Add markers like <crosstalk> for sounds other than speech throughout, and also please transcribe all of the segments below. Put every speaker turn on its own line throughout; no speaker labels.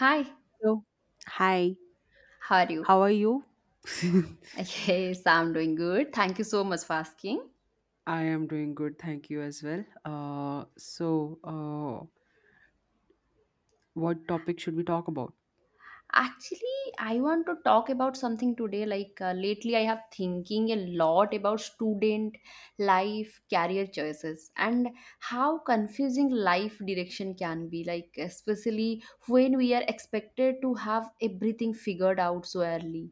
Hi,
Hello. Hi,
how are you?
how are you? <laughs>
<laughs> Yes, I'm doing good. Thank you so much for asking.
I am doing good, thank you as well. What topic should we talk about?
Actually, I want to talk about something today. Like lately, I have thinking a lot about student life, career choices, and how confusing life direction can be. Like especially when we are expected to have everything figured out so early.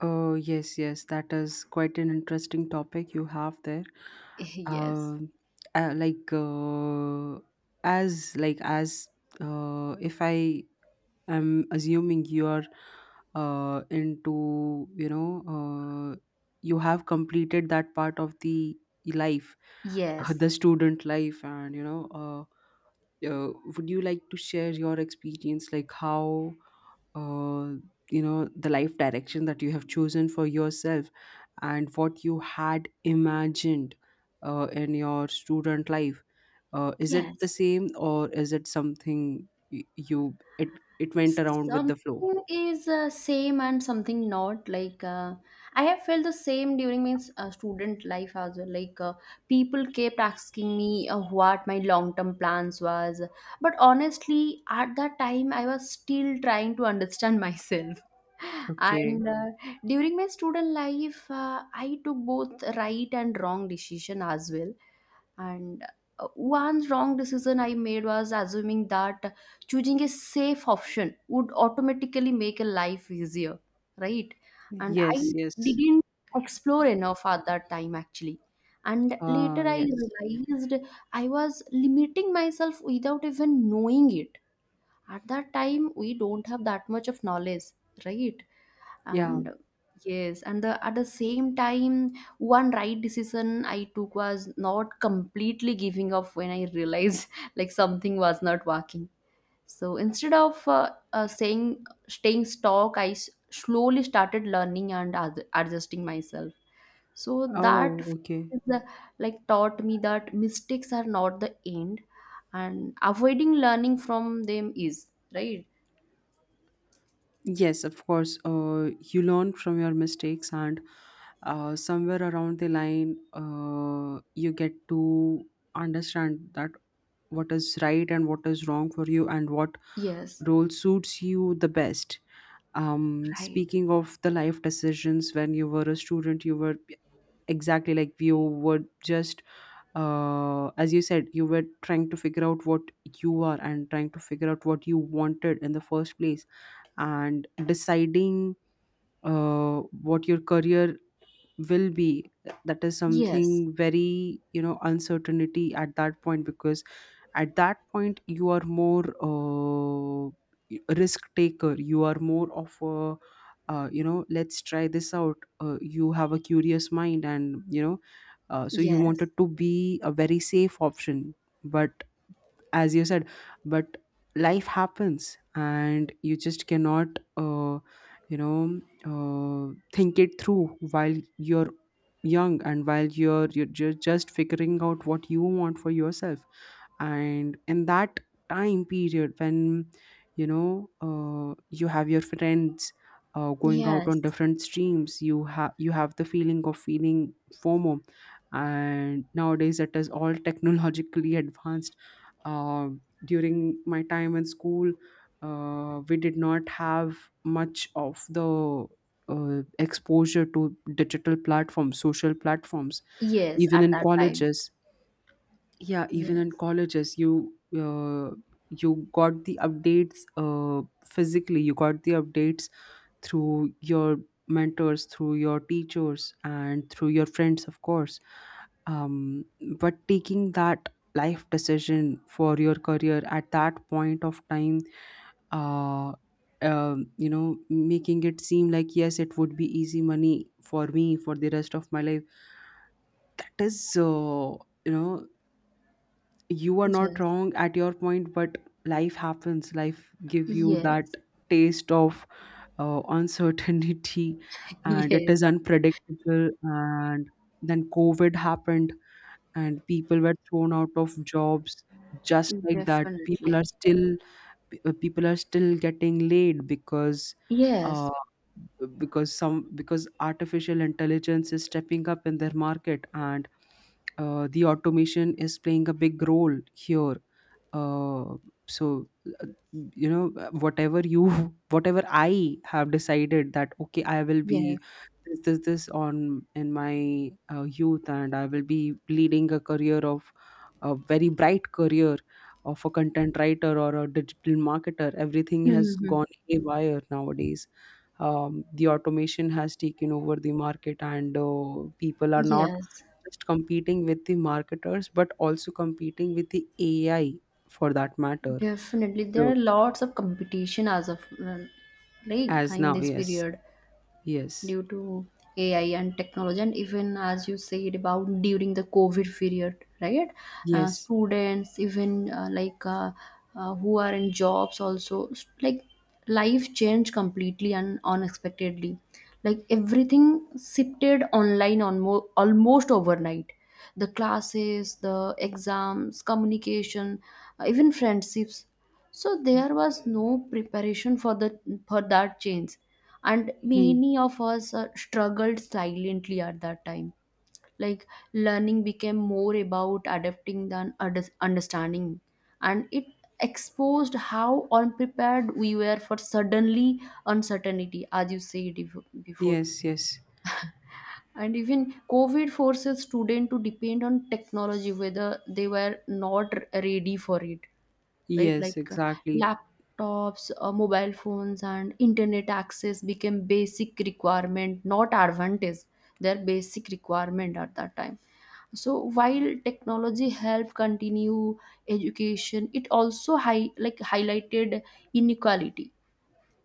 Oh, yes, yes, that is quite an interesting topic you have there.
<laughs> Yes.
Um, like, as like as if I I'm assuming you are into, uh, you have completed that part of the life, <laughs>
Yes.
the student life, and would you like to share your experience, like how? uh, you know, the life direction that you have chosen for yourself and what you had imagined in your student life, is it the
Yes.
same or is it something y- you it it went around with the
Something
flow?
is same and something not like I have felt the same during my student life as well, like people kept asking me what my long term plans was, but honestly at that time I was still trying to understand myself. <laughs>
Okay.
And during my student life, I took both right and wrong decision as well. And one wrong decision I made was assuming that choosing a safe option would automatically make a life easier, right? And
Yes,
I
yes.
didn't explore enough at that time actually. And
Ah,
later I
yes.
realized I was limiting myself without even knowing it. At that time, we don't have that much of knowledge, right?
Yeah.
And yes, and the at the same time, one right decision I took was not completely giving up when I realized <laughs> like something was not working. So instead of saying staying stuck, I slowly started learning and adjusting myself. So that
Oh, okay.
is the, like, taught me that mistakes are not the end, and avoiding learning from them is right.
Yes, of course. You learn from your mistakes, and somewhere around the line, you get to understand that what is right and what is wrong for you, and what
Yes.
role suits you the best.
Right.
Speaking of the life decisions, when you were a student, you were exactly like you were just, as you said, you were trying to figure out what you are and trying to figure out what you wanted in the first place, and deciding uh, what your career will be. That is
Yes.
something very, you know, uncertainty at that point, because at that point you are more risk taker, you are more of a you know, let's try this out. You have a curious mind, and so you
Yes.
wanted to be a very safe option, but as you said, but life happens and you just cannot think it through while you're young and while just figuring out what you want for yourself. And in that time period when, you have your friends going out on
Yes.
different streams, you have the feeling of feeling fomo. And nowadays it is all <laughs> technologically advanced. uh, During my time in school, we did not have much of the exposure to digital platforms, social platforms,
Yes,
even
at
in
that time.
colleges. Yeah, even in
Yes.
colleges you you got the updates physically, you got the updates through your mentors, through your teachers, and through your friends, of course. um, but taking that life decision for your career at that point of time, uh, you know, making it seem like yes, it would be easy money for me for the rest of my life. That is you know, you are not
Yes.
wrong at your point, but life happens, life give you that
Yes.
taste of <laughs> uncertainty,
<laughs>
and it is
Yes.
unpredictable. And then covid happened, and people were thrown out of jobs just like that. People
Definitely.
are still people are still getting laid because
Yes.
uh, because some, because artificial intelligence is stepping up in their market, and the automation is playing a big role here. uh, so uh, you know, whatever you, <laughs> whatever I have decided that okay, I will be
Yes.
this on in my youth, and I will be leading a very bright career of a content writer or a digital marketer. Everything has
Mm-hmm.
gone haywire nowadays. The automation has taken over the market, and people are not
Yes.
just competing with the marketers, but also competing with the AI for that matter.
Definitely. There
So,
are lots of competition as of like
as
in
now,
this
yes,
period.
yes,
Due to AI and technology, and even as you said, about during the COVID period, right?
yes,
Students, even like who are in jobs, also like life changed completely and unexpectedly. Like everything shifted online on almost overnight. The classes, the exams, communication, even friendships. So there was no preparation for that change, and
hmm,
many of us struggled silently at that time. Like learning became more about adapting than understanding, and it exposed how unprepared we were for suddenly uncertainty, as you said before.
yes, yes,
And even COVID forces students to depend on technology, whether they were not ready for it, right?
yes,
Like
exactly.
laptops, mobile phones, and internet access became basic requirement, not advantage. Their basic requirement at that time. So while technology helped continue education, it also highlighted inequality.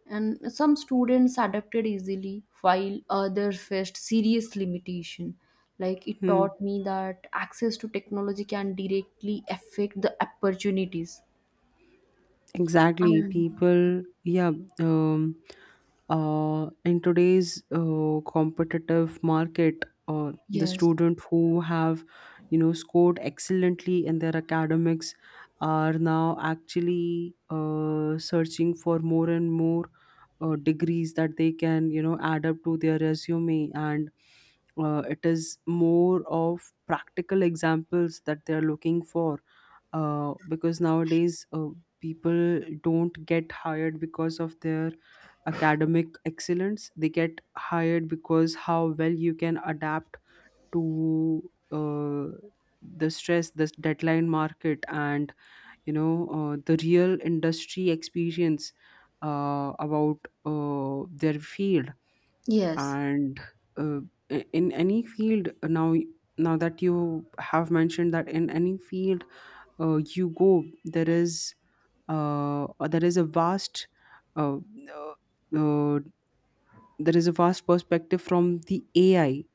And some students adapted easily, while others faced serious limitation. Like it
Hmm.
taught me that access to technology can directly affect the opportunities.
Exactly. People, yeah. Um, in today's competitive market, the
Yes.
student who have, you know, scored excellently in their academics are now actually searching for more and more degrees that they can, you know, add up to their resume. And it is more of practical examples that they are looking for, because nowadays people don't get hired because of their academic excellence, they get hired because how well you can adapt to uh, the stress, the deadline market, and the real industry experience about their field.
Yes.
And uh, in any field now, now that you have mentioned that, in any field you go, there is uh, uh, there is a vast uh, uh, there is a vast perspective from the AI,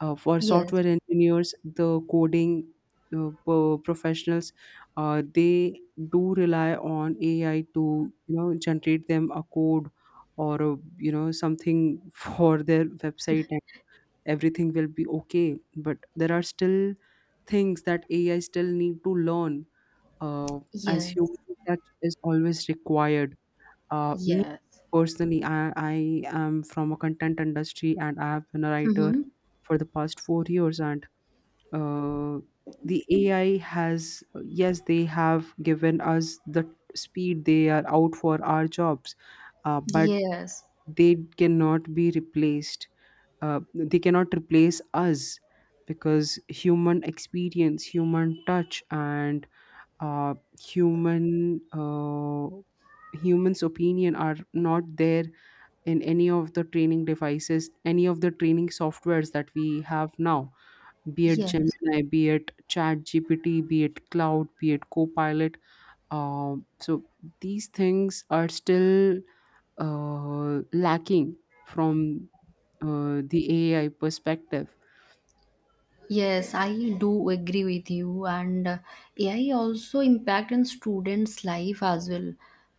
for
Yes.
software engineers, the coding professionals. They do rely on AI to, you know, generate them a code or a, you know, something <laughs> for their website, and everything will be okay. But there are still things that AI still need to learn, uh, as
Yes.
human touch is always required. Me
Yes.
personally, I am from a content industry and I have been a writer
Mm-hmm.
for the past 4 years. And uh, the AI has, yes, they have given us the speed, they are out for our jobs, but
Yes.
they cannot be replaced. They cannot replace us because human experience, human touch, and uh, human uh, humans opinion are not there in any of the training devices, any of the training softwares that we have now, be it
Yes.
gemini, be it chat gpt, be it cloud, be it copilot. So these things are still lacking from the ai perspective.
Yes, I do agree with you. And AI also impact on students' life as well.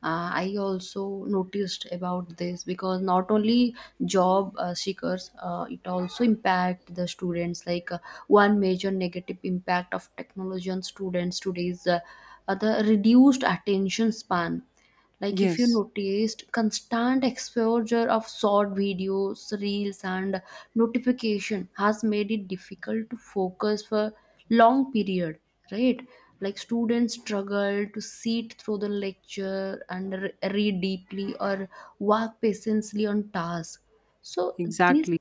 I also noticed about this because not only job seekers, it also impact the students. Like one major negative impact of technology on students today is the reduced attention span. Like if you
Yes,
noticed, constant exposure of short videos, reels, and notification has made it difficult to focus for long period, right? Like students struggle to sit through the lecture and read deeply or work patiently on task. So this,
exactly.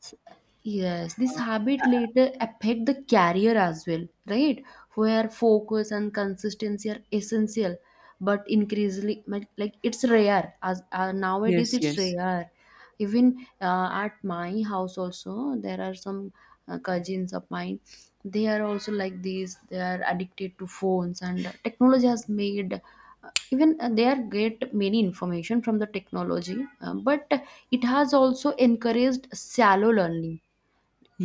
yes, this habit later affect the career as well, right? Where focus and consistency are essential, but increasingly, like it's rare, as nowadays
Yes,
it's
yes,
rare. Even at my house also there are some cousins of mine. They are also like this. They are addicted to phones, and technology has made even they are get many information from the technology, but it has also encouraged shallow learning.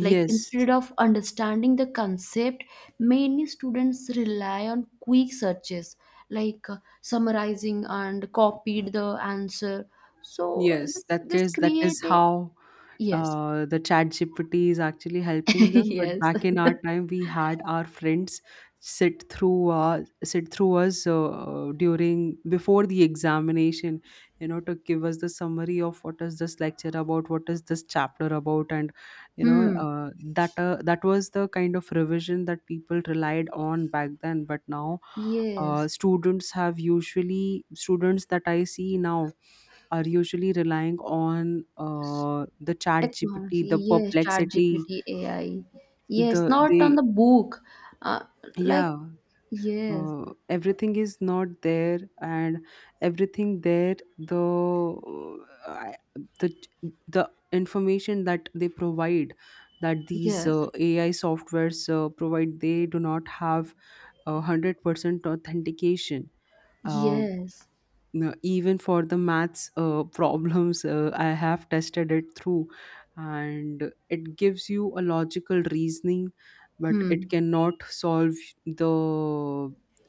Like instead of understanding the concept, many students rely on quick searches, like summarizing and copied the answer. So
Yes,
this
that
this
is, that is
create a,
how
yes.
the chat GPT is actually helping
<laughs>
them. But
Yes.
back in our time, we had our friends sit through, sit through us during, before the examination, you know, to give us the summary of what is this lecture about, what is this chapter about, and
Hmm.
that that was the kind of revision that people relied on back then. But now,
Yes.
students have usually students that I see now are usually relying on the chat
Technology.
gpt, the
Yes. Chat
perplexity,
GPT, AI. Yes.
the
Not on
the
the book. Uh, like,
yeah,
yes.
everything is not there, and everything there the I- the the information that they provide, that these
Yes.
ai softwares provide, they do not have a 100% authentication. Uh,
Yes.
no, even for the maths <laughs> problems, I have tested it through, and it gives you a logical reasoning, but it
Hmm.
cannot solve the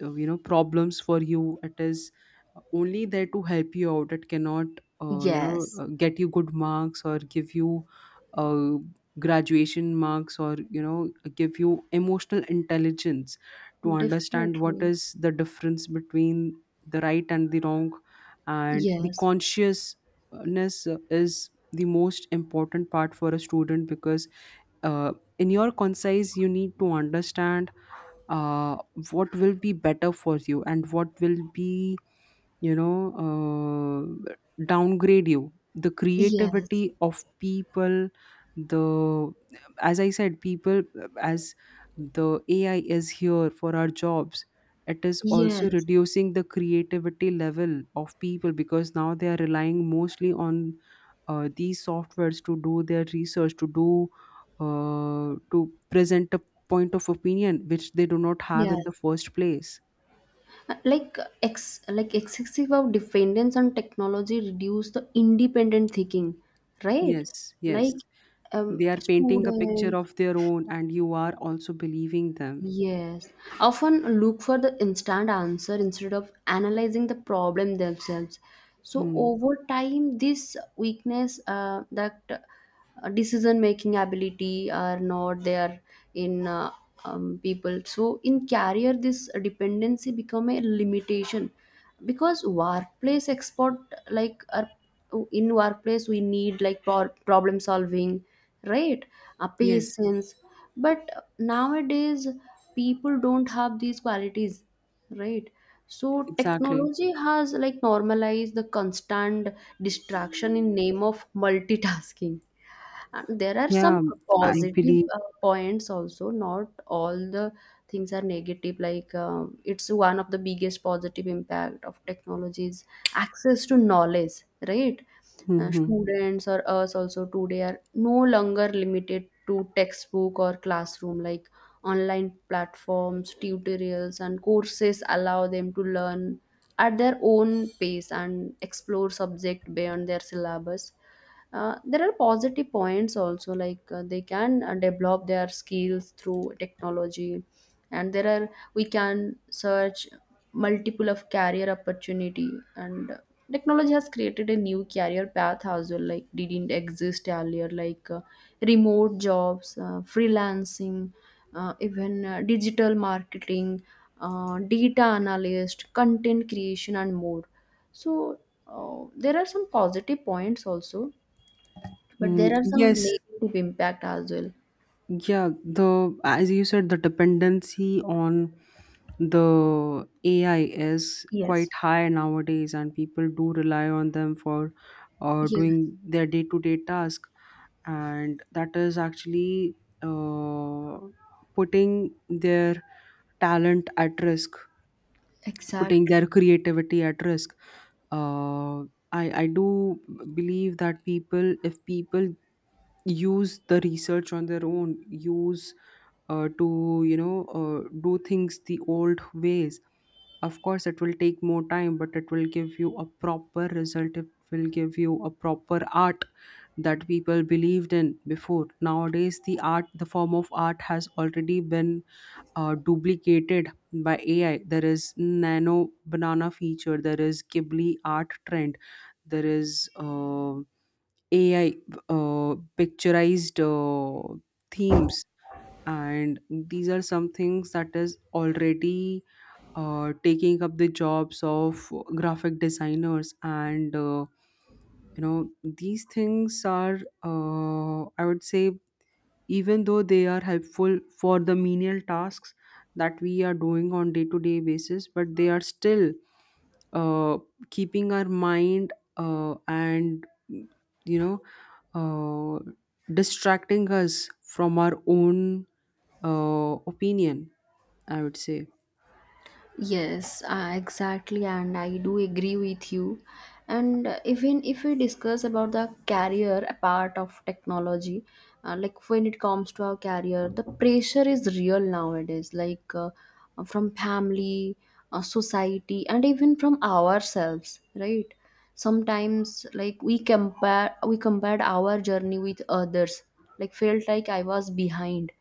you know, problems for you. It is only there to help you out. It cannot,
Yes.
get you good marks or give you uh, graduation marks, or you know, give you emotional intelligence to understand what
Definitely.
is the difference between the right and the wrong and the
Yes.
consciousness. Is the most important part for a student, because uh, in your concise you need to understand uh, what will be better for you, and what will be, you know, downgrade you, the
Yes,
creativity of people. The as I said people as The ai is here for our jobs, it is also
yes,
reducing the creativity level of people, because now they are relying mostly on these softwares to do their research, to do to present a point of opinion which they do not have in
yes.
the first place.
Like like excessive of dependence on technology reduce the independent thinking, right?
Yes, yes,
Like
they are painting a picture
students,
of their own and you are also believing them.
yes, often look for the instant answer instead of analyzing the problem themselves. So
Hmm.
over time, this weakness, that decision-making ability are not there in people. So in career, this dependency become a limitation, because workplace export, like, are in workplace we need like problem solving, right?
Yes,
Patience. But nowadays people don't have these qualities, right? So
exactly.
technology has like normalized the constant distraction in name of multitasking. And there are
Yeah,
some
I
positive
believe.
points also, not all the things are negative. Like it's one of the biggest positive impact of technology is access to knowledge, right?
Hmm.
Students or us also today are no longer limited to textbook or classroom. Like online platforms, tutorials, and courses allow them to learn at their own pace and explore subject beyond their syllabus. There are positive points also, like they can develop their skills through technology, and there are we can search multiple of career opportunity, and technology has created a new career path as well, like didn't exist earlier, like remote jobs, freelancing, even digital marketing, data analyst, content creation, and more. So there are some positive points also, but
Mm,
there are some
yes.
negative impact as well.
Yeah, the, as you said, the dependency on the AI is quite
Yes.
high nowadays, and people do rely on them for
Yes,
doing their day-to-day task, and that is actually uh, putting their talent at risk, putting
exactly.
their creativity at risk. Uh, i i do believe that people if people use the research on their own, use to you know, do things the old ways. Of course it will take more time, but it will give you a proper result, it will give you a proper art that people believed in before. Nowadays the art, the form of art has already been duplicated by AI. There is nano banana feature. There is Ghibli art trend. There is AI picturized themes, and these are some things that is already taking up the jobs of graphic designers and. You know, these things are, I would say, even though they are helpful for the menial tasks that we are doing on day to day basis, but they are still uh, keeping our mind and you know uh, distracting us from our own opinion, I would say.
Yes, exactly, and I do agree with you. And even if we discuss about the career part of technology, like when it comes to our career, the pressure is real nowadays, like from family, society, and even from ourselves, right? Sometimes, like we compared our journey with others, like felt like I was behind,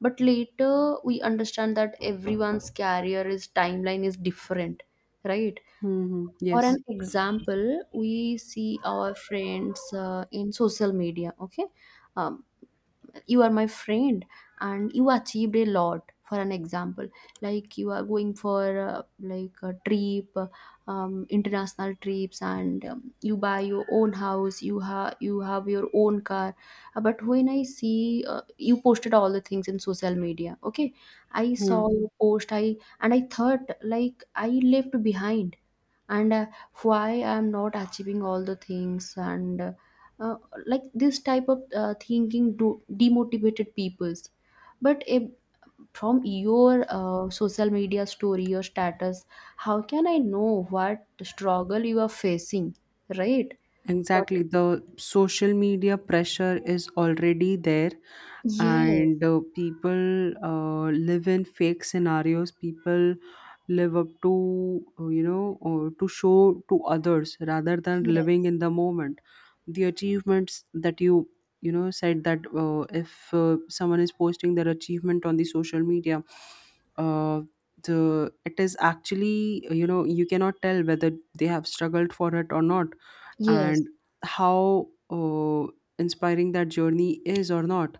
but later we understand that everyone's career is timeline is different, right?
Hmm,
For an
yes.
example, we see our friends in social media, okay? um, you are my friend, and you achieved a lot. For an example, like you are going for like a trip, international trips, and you buy your own house, you have your own car. But when I see you posted all the things in social media, okay, I saw
Hmm.
your post, I and I thought like I left behind. And why I'm not achieving all the things, and like this type of thinking do demotivated peoples. But if, from your social media story or status, how can I know what struggle you are facing, right? What?
Exactly. The social media pressure is already there,
Yes,
and people live in fake scenarios. People live up to, to show to others rather than living
yes,
in the moment, the achievements that you know said that, if someone is posting their achievement on the social media, uh, the it is actually, you know, you cannot tell whether they have struggled for it or not,
yes.
and how inspiring that journey is or not.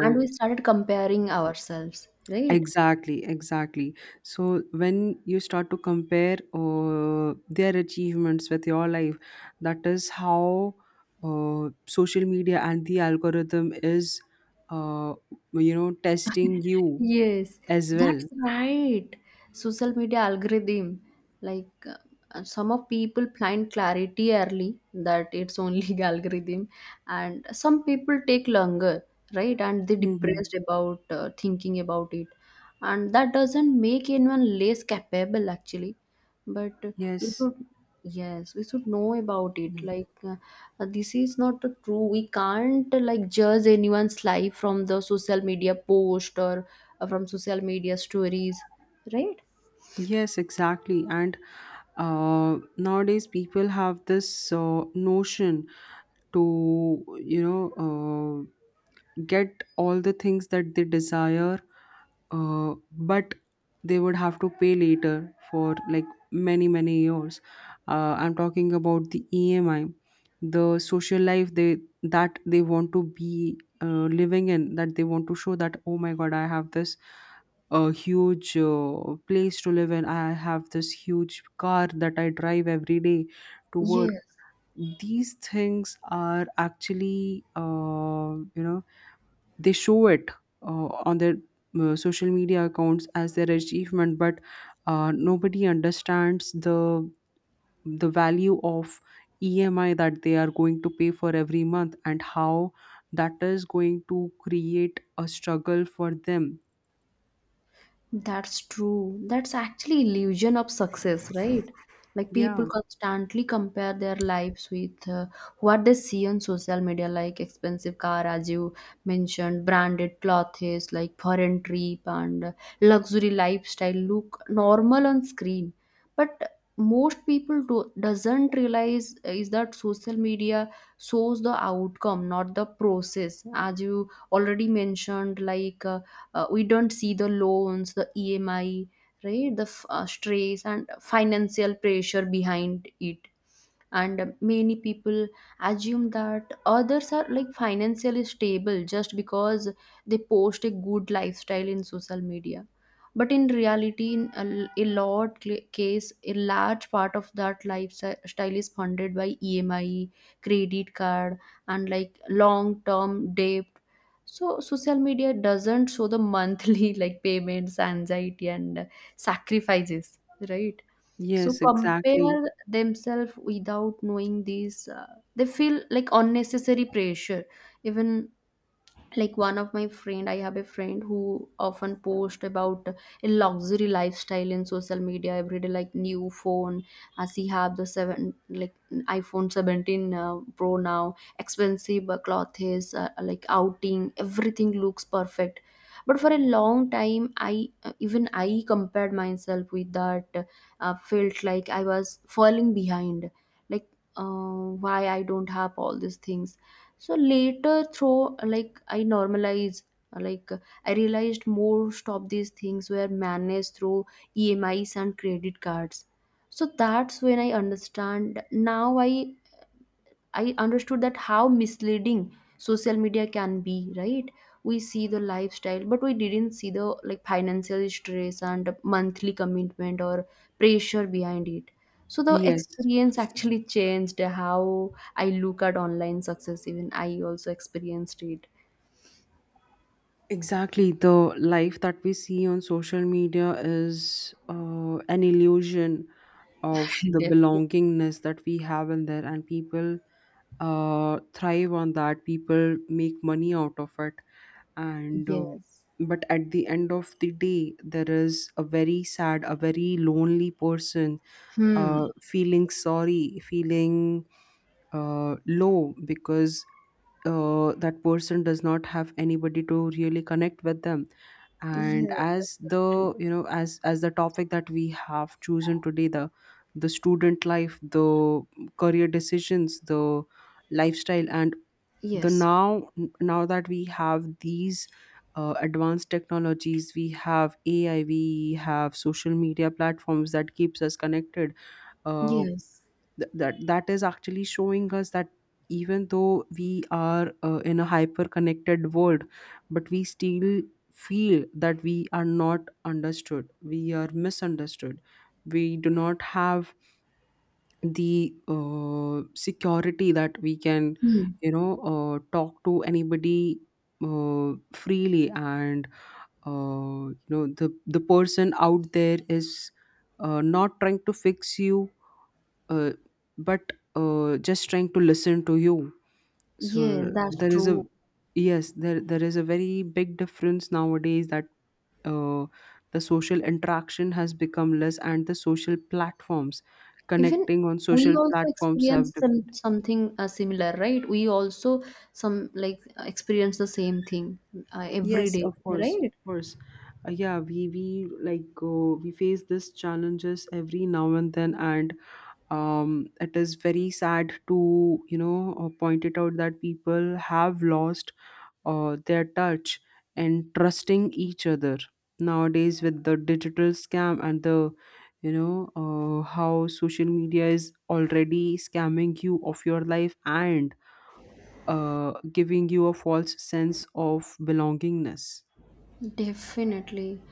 And we started comparing ourselves, right?
exactly, exactly. So when you start to compare their achievements with your life, that is how social media and the algorithm is, uh, testing you
Yes,
as well.
that's right. Social media algorithm, like some of people find clarity early that it's only <laughs> algorithm, and some people take longer, right? And they
Hmm.
depressed about thinking about it, and that doesn't make anyone less capable actually, but we
Yes.
should, yes, we should know about it.
Mm.
Like this is not the true. We can't like judge anyone's life from the social media post or from social media stories, right?
Yes, exactly. And uh, nowadays people have this notion to, you know, uh, get all the things that they desire, but they would have to pay later for like many many years. I'm talking about the emi, the social life they that they want to be living in, that they want to show that, oh my god, I have this huge place to live in, I have this huge car that I drive every day to work.
Yes.
These things are actually, they show it on their social media accounts as their achievement, but nobody understands the value of EMI that they are going to pay for every month and how that is going to create a struggle for them.
That's true. That's actually illusion of success, right? Like
Yeah.
people constantly compare their lives with what they see on social media, like expensive car, as you mentioned, branded clothes, like foreign trip and luxury lifestyle look normal on screen. But most people do, doesn't realize is that social media shows the outcome, not the process. As you already mentioned, like. We don't see the loans, the emi, right? The stress and financial pressure behind it. And many people assume that others are like financially stable just because they post a good lifestyle in social media. But in reality, in a case, a large part of that lifestyle is funded by emi, credit card, and like long term debt. So social media doesn't show the monthly <laughs> like payments, anxiety, and sacrifices, right? So
Yes, exactly.
compare themselves without knowing these, they feel like unnecessary pressure. Even like one of my friend, I have a friend who often post about a luxury lifestyle in social media every day, like new phone, as he have the seven, like iphone 17 pro now, expensive clothes, like outing, everything looks perfect. But for a long time, I even I compared myself with that, felt like I was falling behind, like why I don't have all these things. So later, through like I normalize, like I realized most of these things were managed through emis and credit cards. So that's when I understand now I understood that how misleading social media can be, right? We see the lifestyle, but we didn't see the like financial stress and monthly commitment or pressure behind it. So the
Yes.
experience actually changed how I look at online success. Even I also experienced it.
Exactly. The life that we see on social media is an illusion of
<laughs>
the
Definitely.
belongingness that we have in there, and people thrive on that, people make money out of it. And
Yes.
but at the end of the day, there is a very sad, a very lonely person,
Hmm.
feeling sorry, feeling low because that person does not have anybody to really connect with them. And
Yes,
as
exactly.
the you know as the topic that we have chosen today, the student life, the career decisions, the lifestyle, and the
Yes.
now, now that we have these advanced technologies, we have ai, we have social media platforms that keeps us connected, uh,
Yes.
That is actually showing us that even though we are in a hyper connected world, but we still feel that we are not understood, we are misunderstood, we do not have the security that we can
Hmm.
talk to anybody uh, freely, and the person out there is not trying to fix you, uh, but just trying to listen to you. So
Yes, that's
there is a,
true.
yes, there is a very big difference nowadays that uh, the social interaction has become less, and the social platforms,
Even
connecting on
we
social
also
platforms have
experience
different.
something similar, right? We also, some like, experience the same thing, every
Yes,
day,
of course,
right?
of course. Yeah, we face this challenges every now and then. And it is very sad to point it out that people have lost or their touch and trusting each other nowadays with the digital scam and the, how social media is already scamming you of your life and giving you a false sense of belongingness.
Definitely.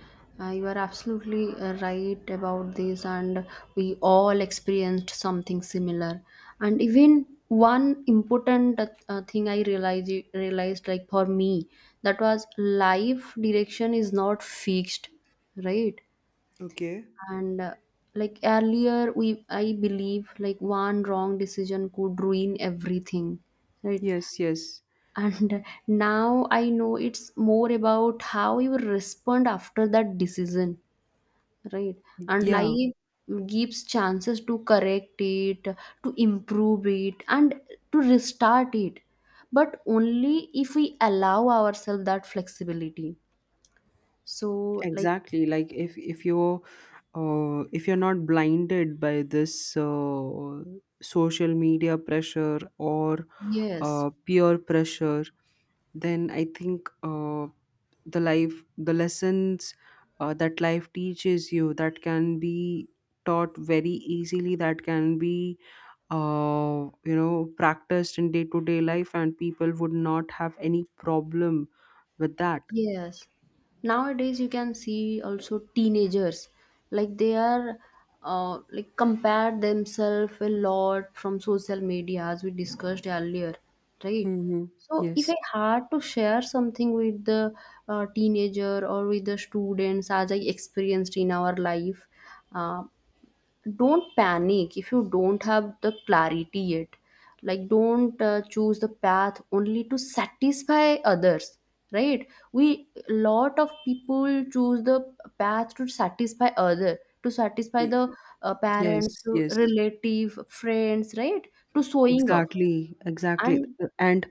You are absolutely right about this, and we all experienced something similar. And even one important thing I realized, like for me, that was life direction is not fixed, right?
Okay.
And like earlier, we I believe like one wrong decision could ruin everything, right?
Yes, yes.
And now I know, it's more about how you respond after that decision, right? And
Yeah,
life gives chances to correct it, to improve it, and to restart it, but only if we allow ourselves that flexibility. So, like,
exactly. Like if you're, if you're not blinded by this social media pressure or
yes.
peer pressure, then I think the life, the lessons that life teaches you, that can be taught very easily, that can be practiced in day to day life, and people would not have any problem with that.
Yes. Nowadays, you can see also teenagers, like they are like compare themselves a lot from social media, as we discussed earlier, right?
Hmm.
So if
Yes.
I had to share something with the teenager or with the students, as I experienced in our life, uh, don't panic if you don't have the clarity yet. Like don't choose the path only to satisfy others, right? We, lot of people choose the path to satisfy other, to satisfy the
Yes,
parents, to
yes,
relative, friends, right? To showing off.
exactly, exactly.
And
And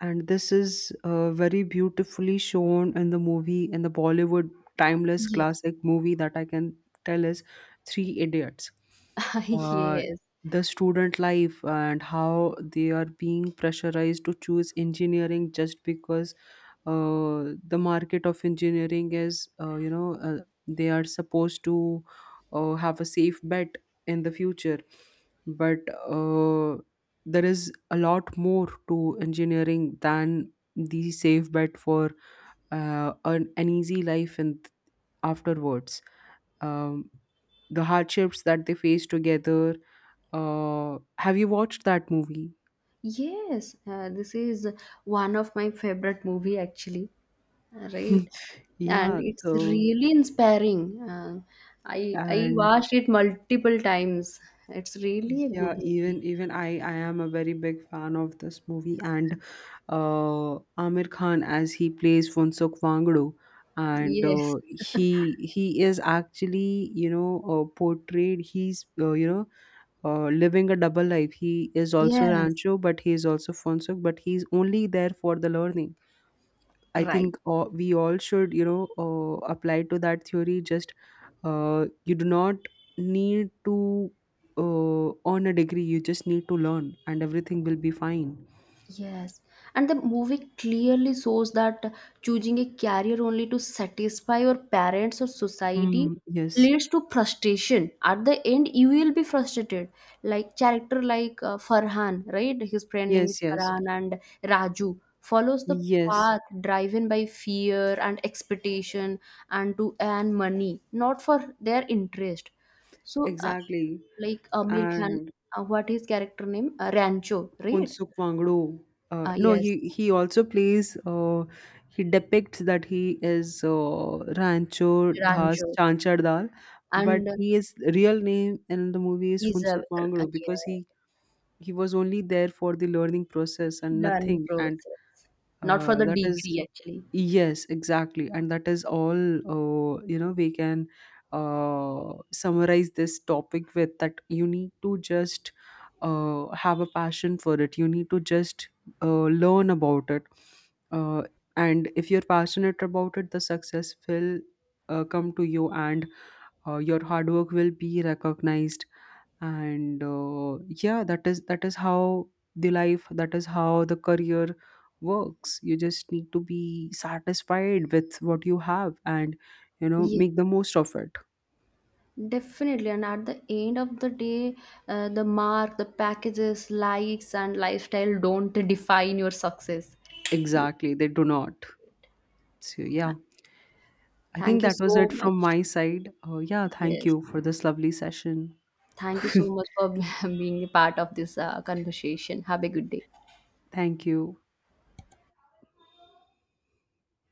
and this is very beautifully shown in the movie, in the bollywood timeless
yes.
classic movie that I can tell is Three Idiots.
<laughs>
uh,
Yes,
the student life and how they are being pressurized to choose engineering just because the market of engineering is, they are supposed to have a safe bet in the future, but uh, there is a lot more to engineering than the safe bet for an easy life, and afterwards, um, the hardships that they face together. Have you watched that movie?
yes, this is one of my favorite movie actually. Right.
<laughs>
And
yeah,
it's
so,
really inspiring. I
and
watched it multiple times. It's really a
yeah,
good movie.
even even I am a very big fan of this movie, and Amir Khan as he plays Funsuk Wangdu. And
Yes.
he is actually, portrayed, he's, living a double life. He is also
Yes.
rancho, but he is also Funsuk, but he's only there for the learning. I
Right.
think we all should, apply to that theory. Just, you do not need to earn a degree. You just need to learn, and everything will be fine.
Yes, and the movie clearly shows that choosing a career only to satisfy your parents or society
Mm, yes,
leads to frustration. At the end, you will be frustrated. Like character like Farhan, right? His friend name
yes,
is
yes,
Farhan, and Raju follows the
yes,
path driven by fear and expectation, and to earn money, not for their interest. So,
exactly.
like Amir Khan,
And
what his character name? Rancho, right?
Funsuk Wangdo. No,
Yes.
he also plays. He depicts that he is Rancho Das
Rancho,
Chanchardal, but
and
his real name in the movie is
is a,
Funsuk
a
Wangdo because he was only there for the learning process and
learning
nothing. And
process, not for the
that is,
degree actually.
yes, exactly. And that is all, we can summarize this topic with that. You need to just have a passion for it, you need to just learn about it, uh, and if you're passionate about it, the success will come to you, and your hard work will be recognized. And yeah, that is how the life, that is how the career works. You just need to be satisfied with what you have, and you know,
Yeah,
make the most of it.
definitely. And at the end of the day, the mark, the packages, likes, and lifestyle don't define your success.
Exactly, they do not. So yeah, I think
Thank you
that was
so
it from
much.
my side. Yeah, thank
Yes.
you for this lovely session.
Thank you so much
<laughs>
for <laughs> being a part of this conversation. Have a good day.
thank you.